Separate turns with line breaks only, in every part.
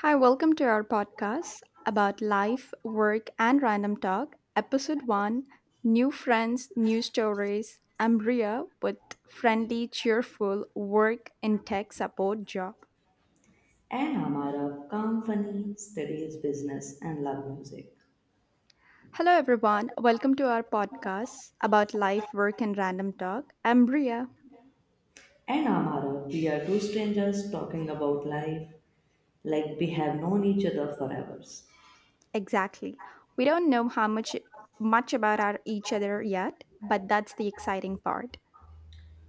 Hi, welcome to our podcast about life, work, and random talk, episode one, New Friends, New Stories. I'm Ria with Friendly, Cheerful Work in Tech Support Job.
Anne Amara Company studies business and love music.
Hello, everyone. Welcome to our podcast about life, work, and random talk. I'm Ria.
And Amara, we are two strangers talking about life like we have known each other for hours.
Exactly. We don't know how much about our each other yet, but that's the exciting part.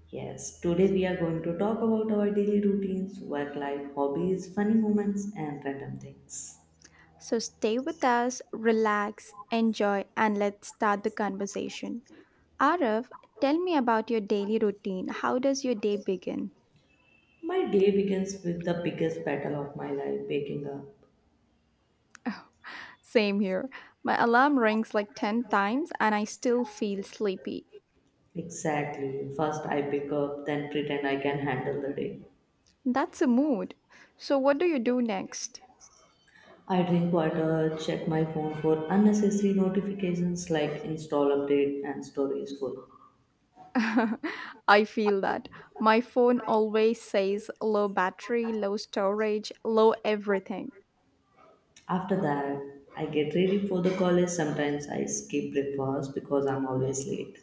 Yes, today we are going to talk about our daily routines, work life, hobbies, funny moments, and random things.
So stay with us, relax, enjoy, and let's start the conversation. Arif, tell me about your daily routine. How does your day begin?
My day begins with the biggest battle of my life waking up.
Same here. My alarm rings like 10 times and I still feel sleepy.
Exactly. First, I wake up, then pretend I can handle the day.
That's a mood. So, what do you do next?
I drink water, check my phone for unnecessary notifications like install update and stories full.
I feel that. My phone always says low battery, low storage, low everything.
After that, I get ready for the college. Sometimes I skip breakfast because I'm always late.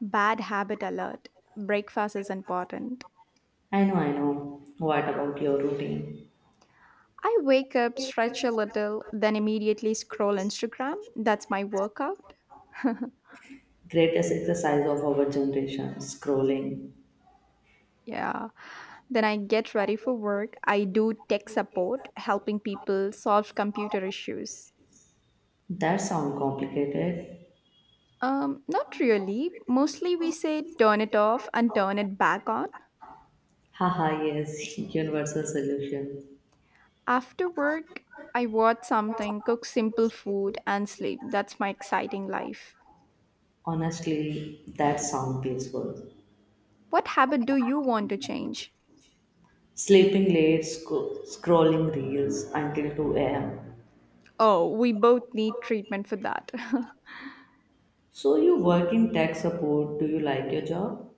Bad habit alert. Breakfast is important.
I know. What about your routine?
I wake up, stretch a little, then immediately scroll Instagram. That's my workout.
Greatest exercise of our generation, scrolling.
Yeah. Then I get ready for work. I do tech support, helping people solve computer issues.
That sound complicated.
Not really. Mostly we say turn it off and turn it back on.
Haha, yes, universal solution.
After work, I watch something, cook simple food, and sleep. That's my exciting life.
Honestly, that sound peaceful.
What habit do you want to change?
Sleeping late, scrolling reels until 2 a.m.
Oh, we both need treatment for that.
So you work in tech support. Do you like your job?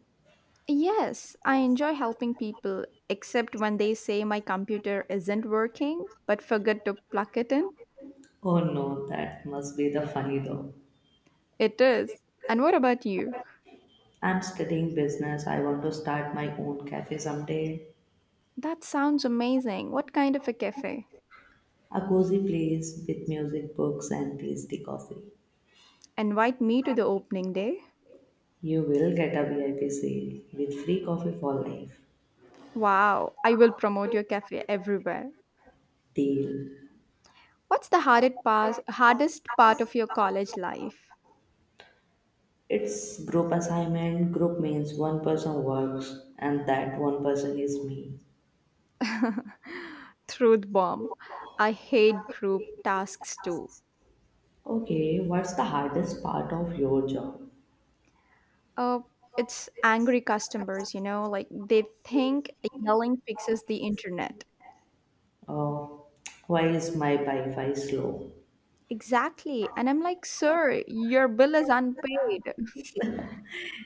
Yes, I enjoy helping people, except when they say my computer isn't working but forget to plug it in.
Oh no, that must be the funny though.
It is. And what about you?
I'm studying business. I want to start my own cafe someday.
That sounds amazing. What kind of a cafe?
A cozy place with music, books, and tasty coffee.
Invite me to the opening day?
You will get a VIP sale with free coffee for life.
Wow, I will promote your cafe everywhere.
Deal.
What's the hardest part of your college life?
It's group assignment. Group means one person works and that one person is me.
Truth bomb. I hate group tasks too.
Okay, what's the hardest part of your job?
Uh, it's angry customers, you know, like they think yelling fixes the internet.
Oh, why is my Wi-Fi slow?
Exactly. And I'm like, sir, your bill is unpaid.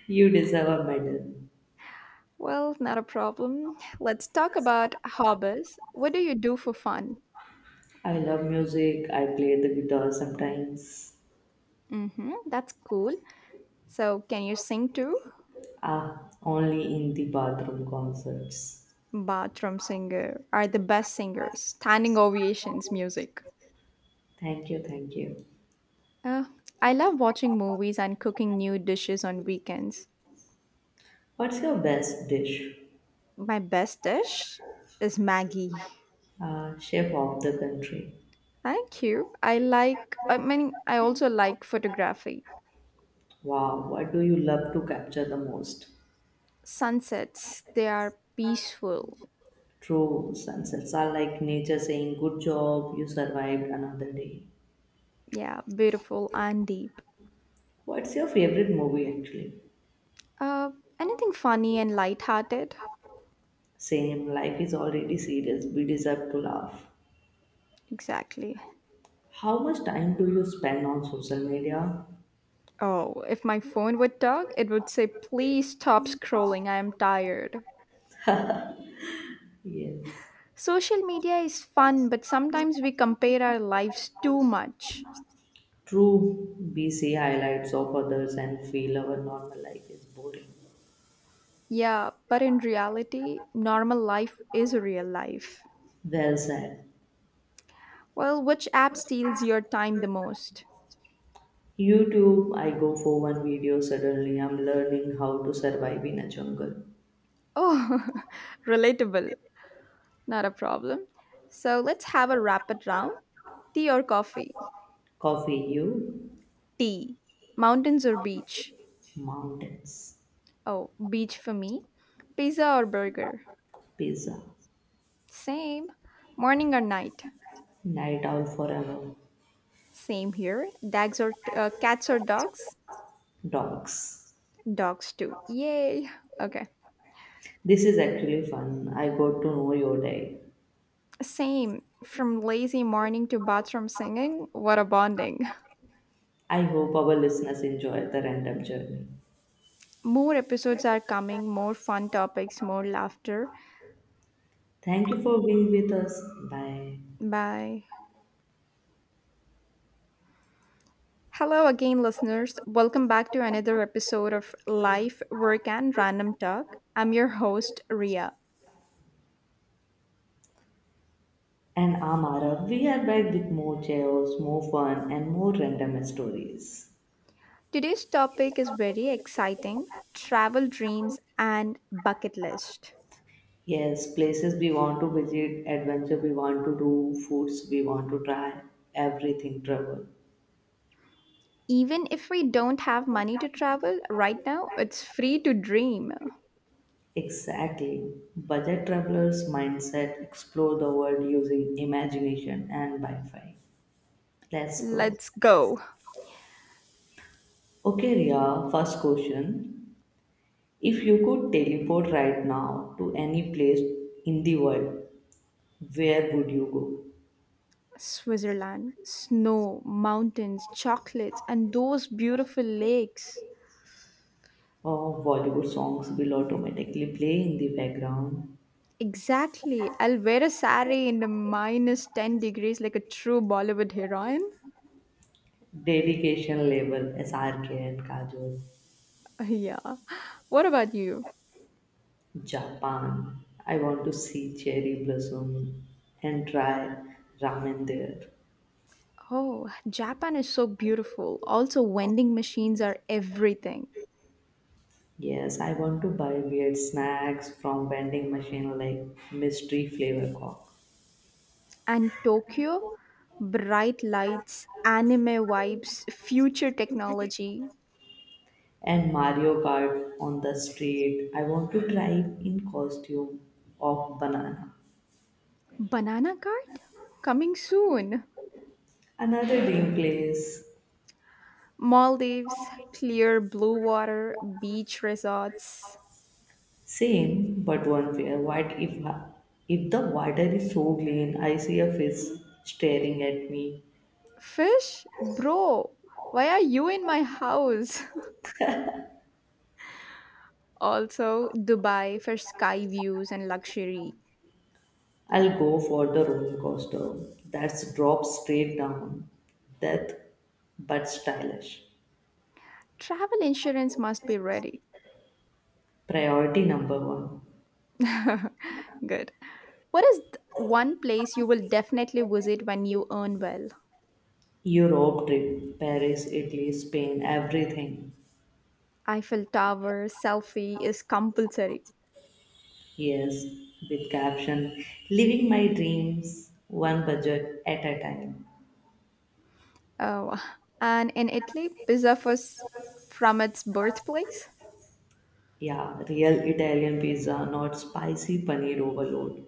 You deserve a medal.
Well, not a problem. Let's talk about hobbies. What do you do for fun?
I love music. I play the guitar sometimes.
Hmm, that's cool. So, can you sing too?
Ah, only in the bathroom concerts.
Bathroom singer are the best singers. Standing ovations music.
Thank you.
Uh, I love watching movies and cooking new dishes on weekends.
What's your best dish?
My best dish is Maggie.
Chef of the country.
Thank you. I also like photography.
Wow, what do you love to capture the most?
Sunsets, they are peaceful,
True, sunsets are like nature saying, good job, you survived another day.
yeah, beautiful and deep.
What's your favorite movie actually?
Uh, Anything funny and lighthearted?
Same, life is already serious. We deserve to laugh.
Exactly.
How much time do you spend on social media?
Oh, if my phone would talk, it would say, please stop scrolling, I am tired.
Yes.
Social media is fun, but sometimes we compare our lives too much.
True, we see highlights of others and feel our normal life is boring.
Yeah, but in reality, normal life is real life.
Well said.
Well, which app steals your time the most?
YouTube, I go for one video, suddenly I'm learning how to survive in a jungle.
Oh, relatable. Not a problem. So let's have a rapid round. Tea or coffee?
Coffee, you,
Tea. Mountains or beach?
mountains,
Oh, beach for me. Pizza or burger?
pizza,
Same. Morning or night?
night owl forever,
Same here. Dogs or Cats or dogs?
dogs.
Dogs too. Yay. Okay.
This is actually fun. I got to know your day.
Same. From lazy morning to bathroom singing, what a bonding.
I hope our listeners enjoy the random journey.
More episodes are coming, more fun topics, more laughter.
Thank you for being with us. Bye.
Bye. Hello again, listeners. Welcome back to another episode of Life, Work, and Random Talk. I'm your host, Ria.
And Amara, we are back with more chaos, more fun, and more random stories.
Today's topic is very exciting: travel dreams and bucket list.
Yes, places we want to visit, adventure we want to do, foods we want to try, everything travel.
Even if we don't have money to travel right now, it's free to dream.
Exactly. Budget travelers mindset explore the world using imagination and Wi-Fi. Let's go.
Let's go.
Okay, Ria, first question. If you could teleport right now to any place in the world, where would you go?
Switzerland, snow, mountains, chocolates, and those beautiful lakes.
Oh, Bollywood songs will automatically play in the background.
Exactly. I'll wear a sari in the minus 10 degrees like a true Bollywood heroine.
Dedication label SRK and Kajol.
Yeah. What about you?
Japan. I want to see cherry blossom and try ramen there.
Oh, Japan is so beautiful. Also, vending machines are everything.
Yes, I want to buy weird snacks from vending machine like mystery flavor cock
And Tokyo, bright lights, anime vibes, future technology.
and Mario Kart on the street. I want to drive in costume of banana.
Banana cart? Coming soon.
Another dream place.
Maldives, clear blue water, beach resorts.
Same, but one fear. What if the water is so clean, I see a fish staring at me.
Fish? Bro, why are you in my house? Also, Dubai for sky views and luxury.
I'll go for the roller coaster. That's drop straight down. Death, but stylish.
Travel insurance must be ready.
Priority number one.
Good. One place you will definitely visit when you earn well?
Europe trip, Paris, Italy, Spain, everything.
Eiffel Tower selfie is compulsory.
Yes, with caption, living my dreams, one budget at a time.
Oh, and in Italy, pizza was from its birthplace.
Yeah, real Italian pizza, not spicy paneer overload.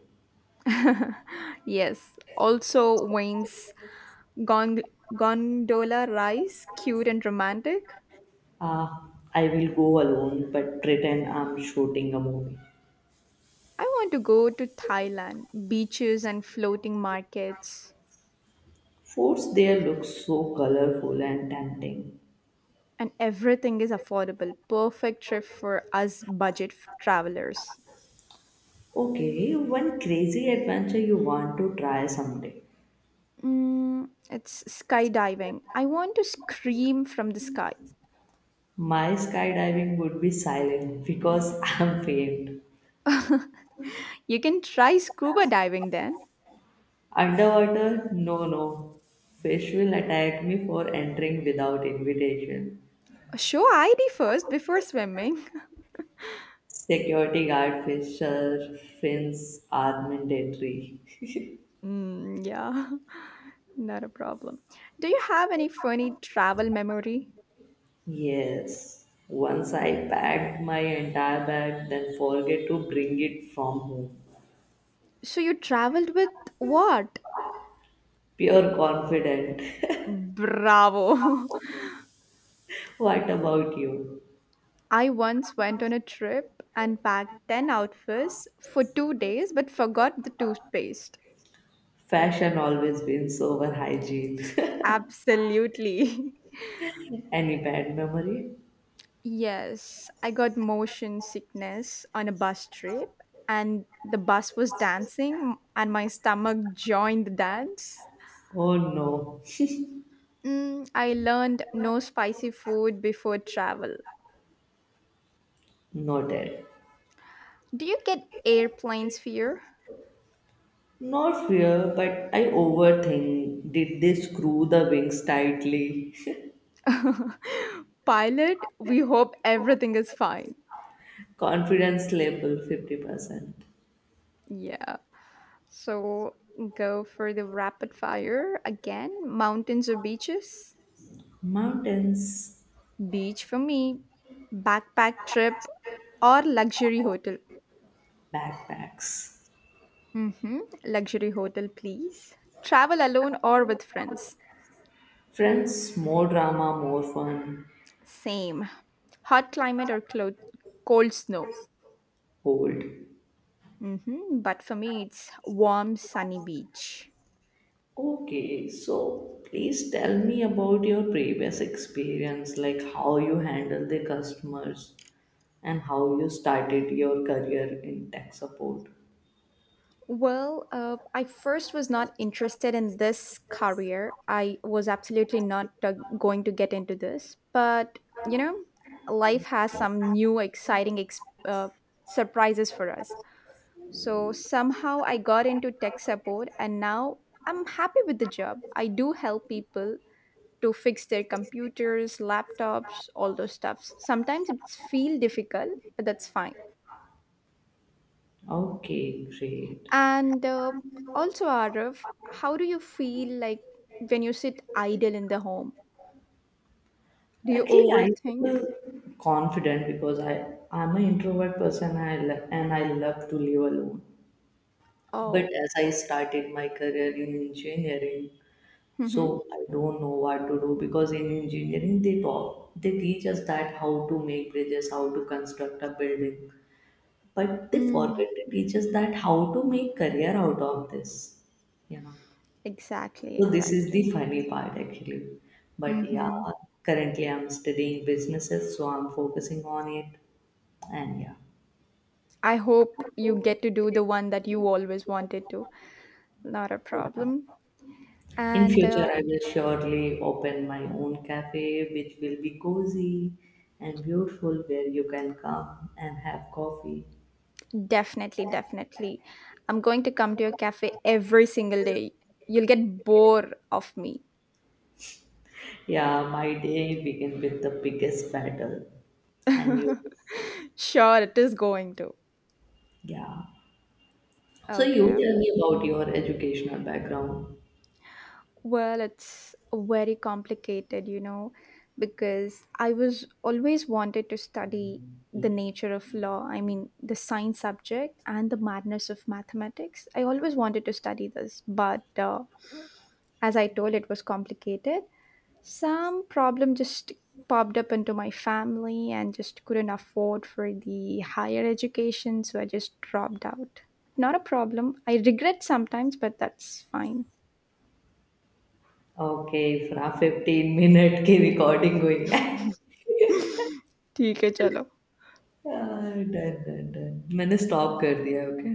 Yes. Also, Wayne's gond- gondola rice, cute and romantic.
Ah, I will go alone but pretend I'm shooting a movie.
I want to go to Thailand, beaches and floating markets,
Forts there look so colorful and tempting.
and everything is affordable. Perfect trip for us travelers.
Okay, one crazy adventure you want to try someday.
Mm, it's skydiving. I want to scream from the sky.
My skydiving would be silent because I'm famed.
You can try scuba diving then.
Underwater, no. Fish will attack me for entering without invitation.
Show ID first before swimming.
Security guard fisher fins are mandatory.
Mm, yeah, not a problem. Do you have any funny travel memory?
Yes, once I packed my entire bag, then forget to bring it from home.
So you traveled with what?
Pure confident.
Bravo.
What about you?
I once went on a trip and packed 10 outfits for 2 days but forgot the toothpaste.
Fashion always wins over hygiene.
Absolutely.
Any bad memory?
Yes, I got motion sickness on a bus trip, and the bus was dancing, and my stomach joined the dance.
Oh no,
I learned no spicy food before travel.
noted.
Do you get airplanes fear?
Not fear, but I overthink. Did they screw the wings tightly?
Pilot, we hope everything is fine.
Confidence level 50%.
Yeah. So go for the rapid fire again. Mountains or beaches?
Mountains,
Beach for me. Backpack trip or luxury hotel?
backpacks.
Mm-hmm. Luxury hotel, please. Travel alone or with friends.
Friends, more drama, more fun.
Same. Hot climate or clo- Cold snow.
Hold.
Mm-hmm. But for me, it's warm, sunny beach.
Okay, so please tell me about your previous experience, like how you handle the customers and how you started your career in tech support.
Well, I first was not interested in this career. I was absolutely not going to get into this. But, you know, life has some new, exciting surprises for us. So somehow I got into tech support and now I'm happy with the job. I do help people to fix their computers, laptops, all those stuffs. Sometimes it's feel difficult, but that's fine.
Okay, great.
And also Arif, how do you feel like when you sit idle in the home? Do you
Actually, I
overthink?
feel confident because I'm an introvert person. And I love to live alone. But
Oh,
as I started my career in engineering,
mm-hmm.
so I don't know what to do because in engineering they teach us that how to make bridges, how to construct a building, but they
Mm,
forget to teach us that how to make career out of this, you know.
exactly,
So this is
exactly.
the funny part actually. But yeah,
Mm-hmm.
currently I'm studying businesses, so I'm focusing on it, and
I hope you get to do the one that you always wanted to. Not a
yeah.
problem.
In
And
future, I will surely open my own cafe, which will be cozy and beautiful, where you can come and have coffee.
definitely, I'm going to come to your cafe every single day. You'll get bored of me.
Yeah, my day begin with the biggest battle, and you.
Sure, it is going to.
Yeah. So you
Okay.
tell me about your educational background.
Well, it's very complicated, you know, because I was always wanted to study the nature of law. I mean, the science subject and the madness of mathematics. I always wanted to study this, but as I told, it was complicated. Some problem just popped up into my family and just couldn't afford for the higher education, so I just dropped out. Not a problem. I regret sometimes, but that's fine.
Okay, for a 15-minute की recording हुई है।
ठीक है चलो
यार, done. मैंने stop कर दिया, okay?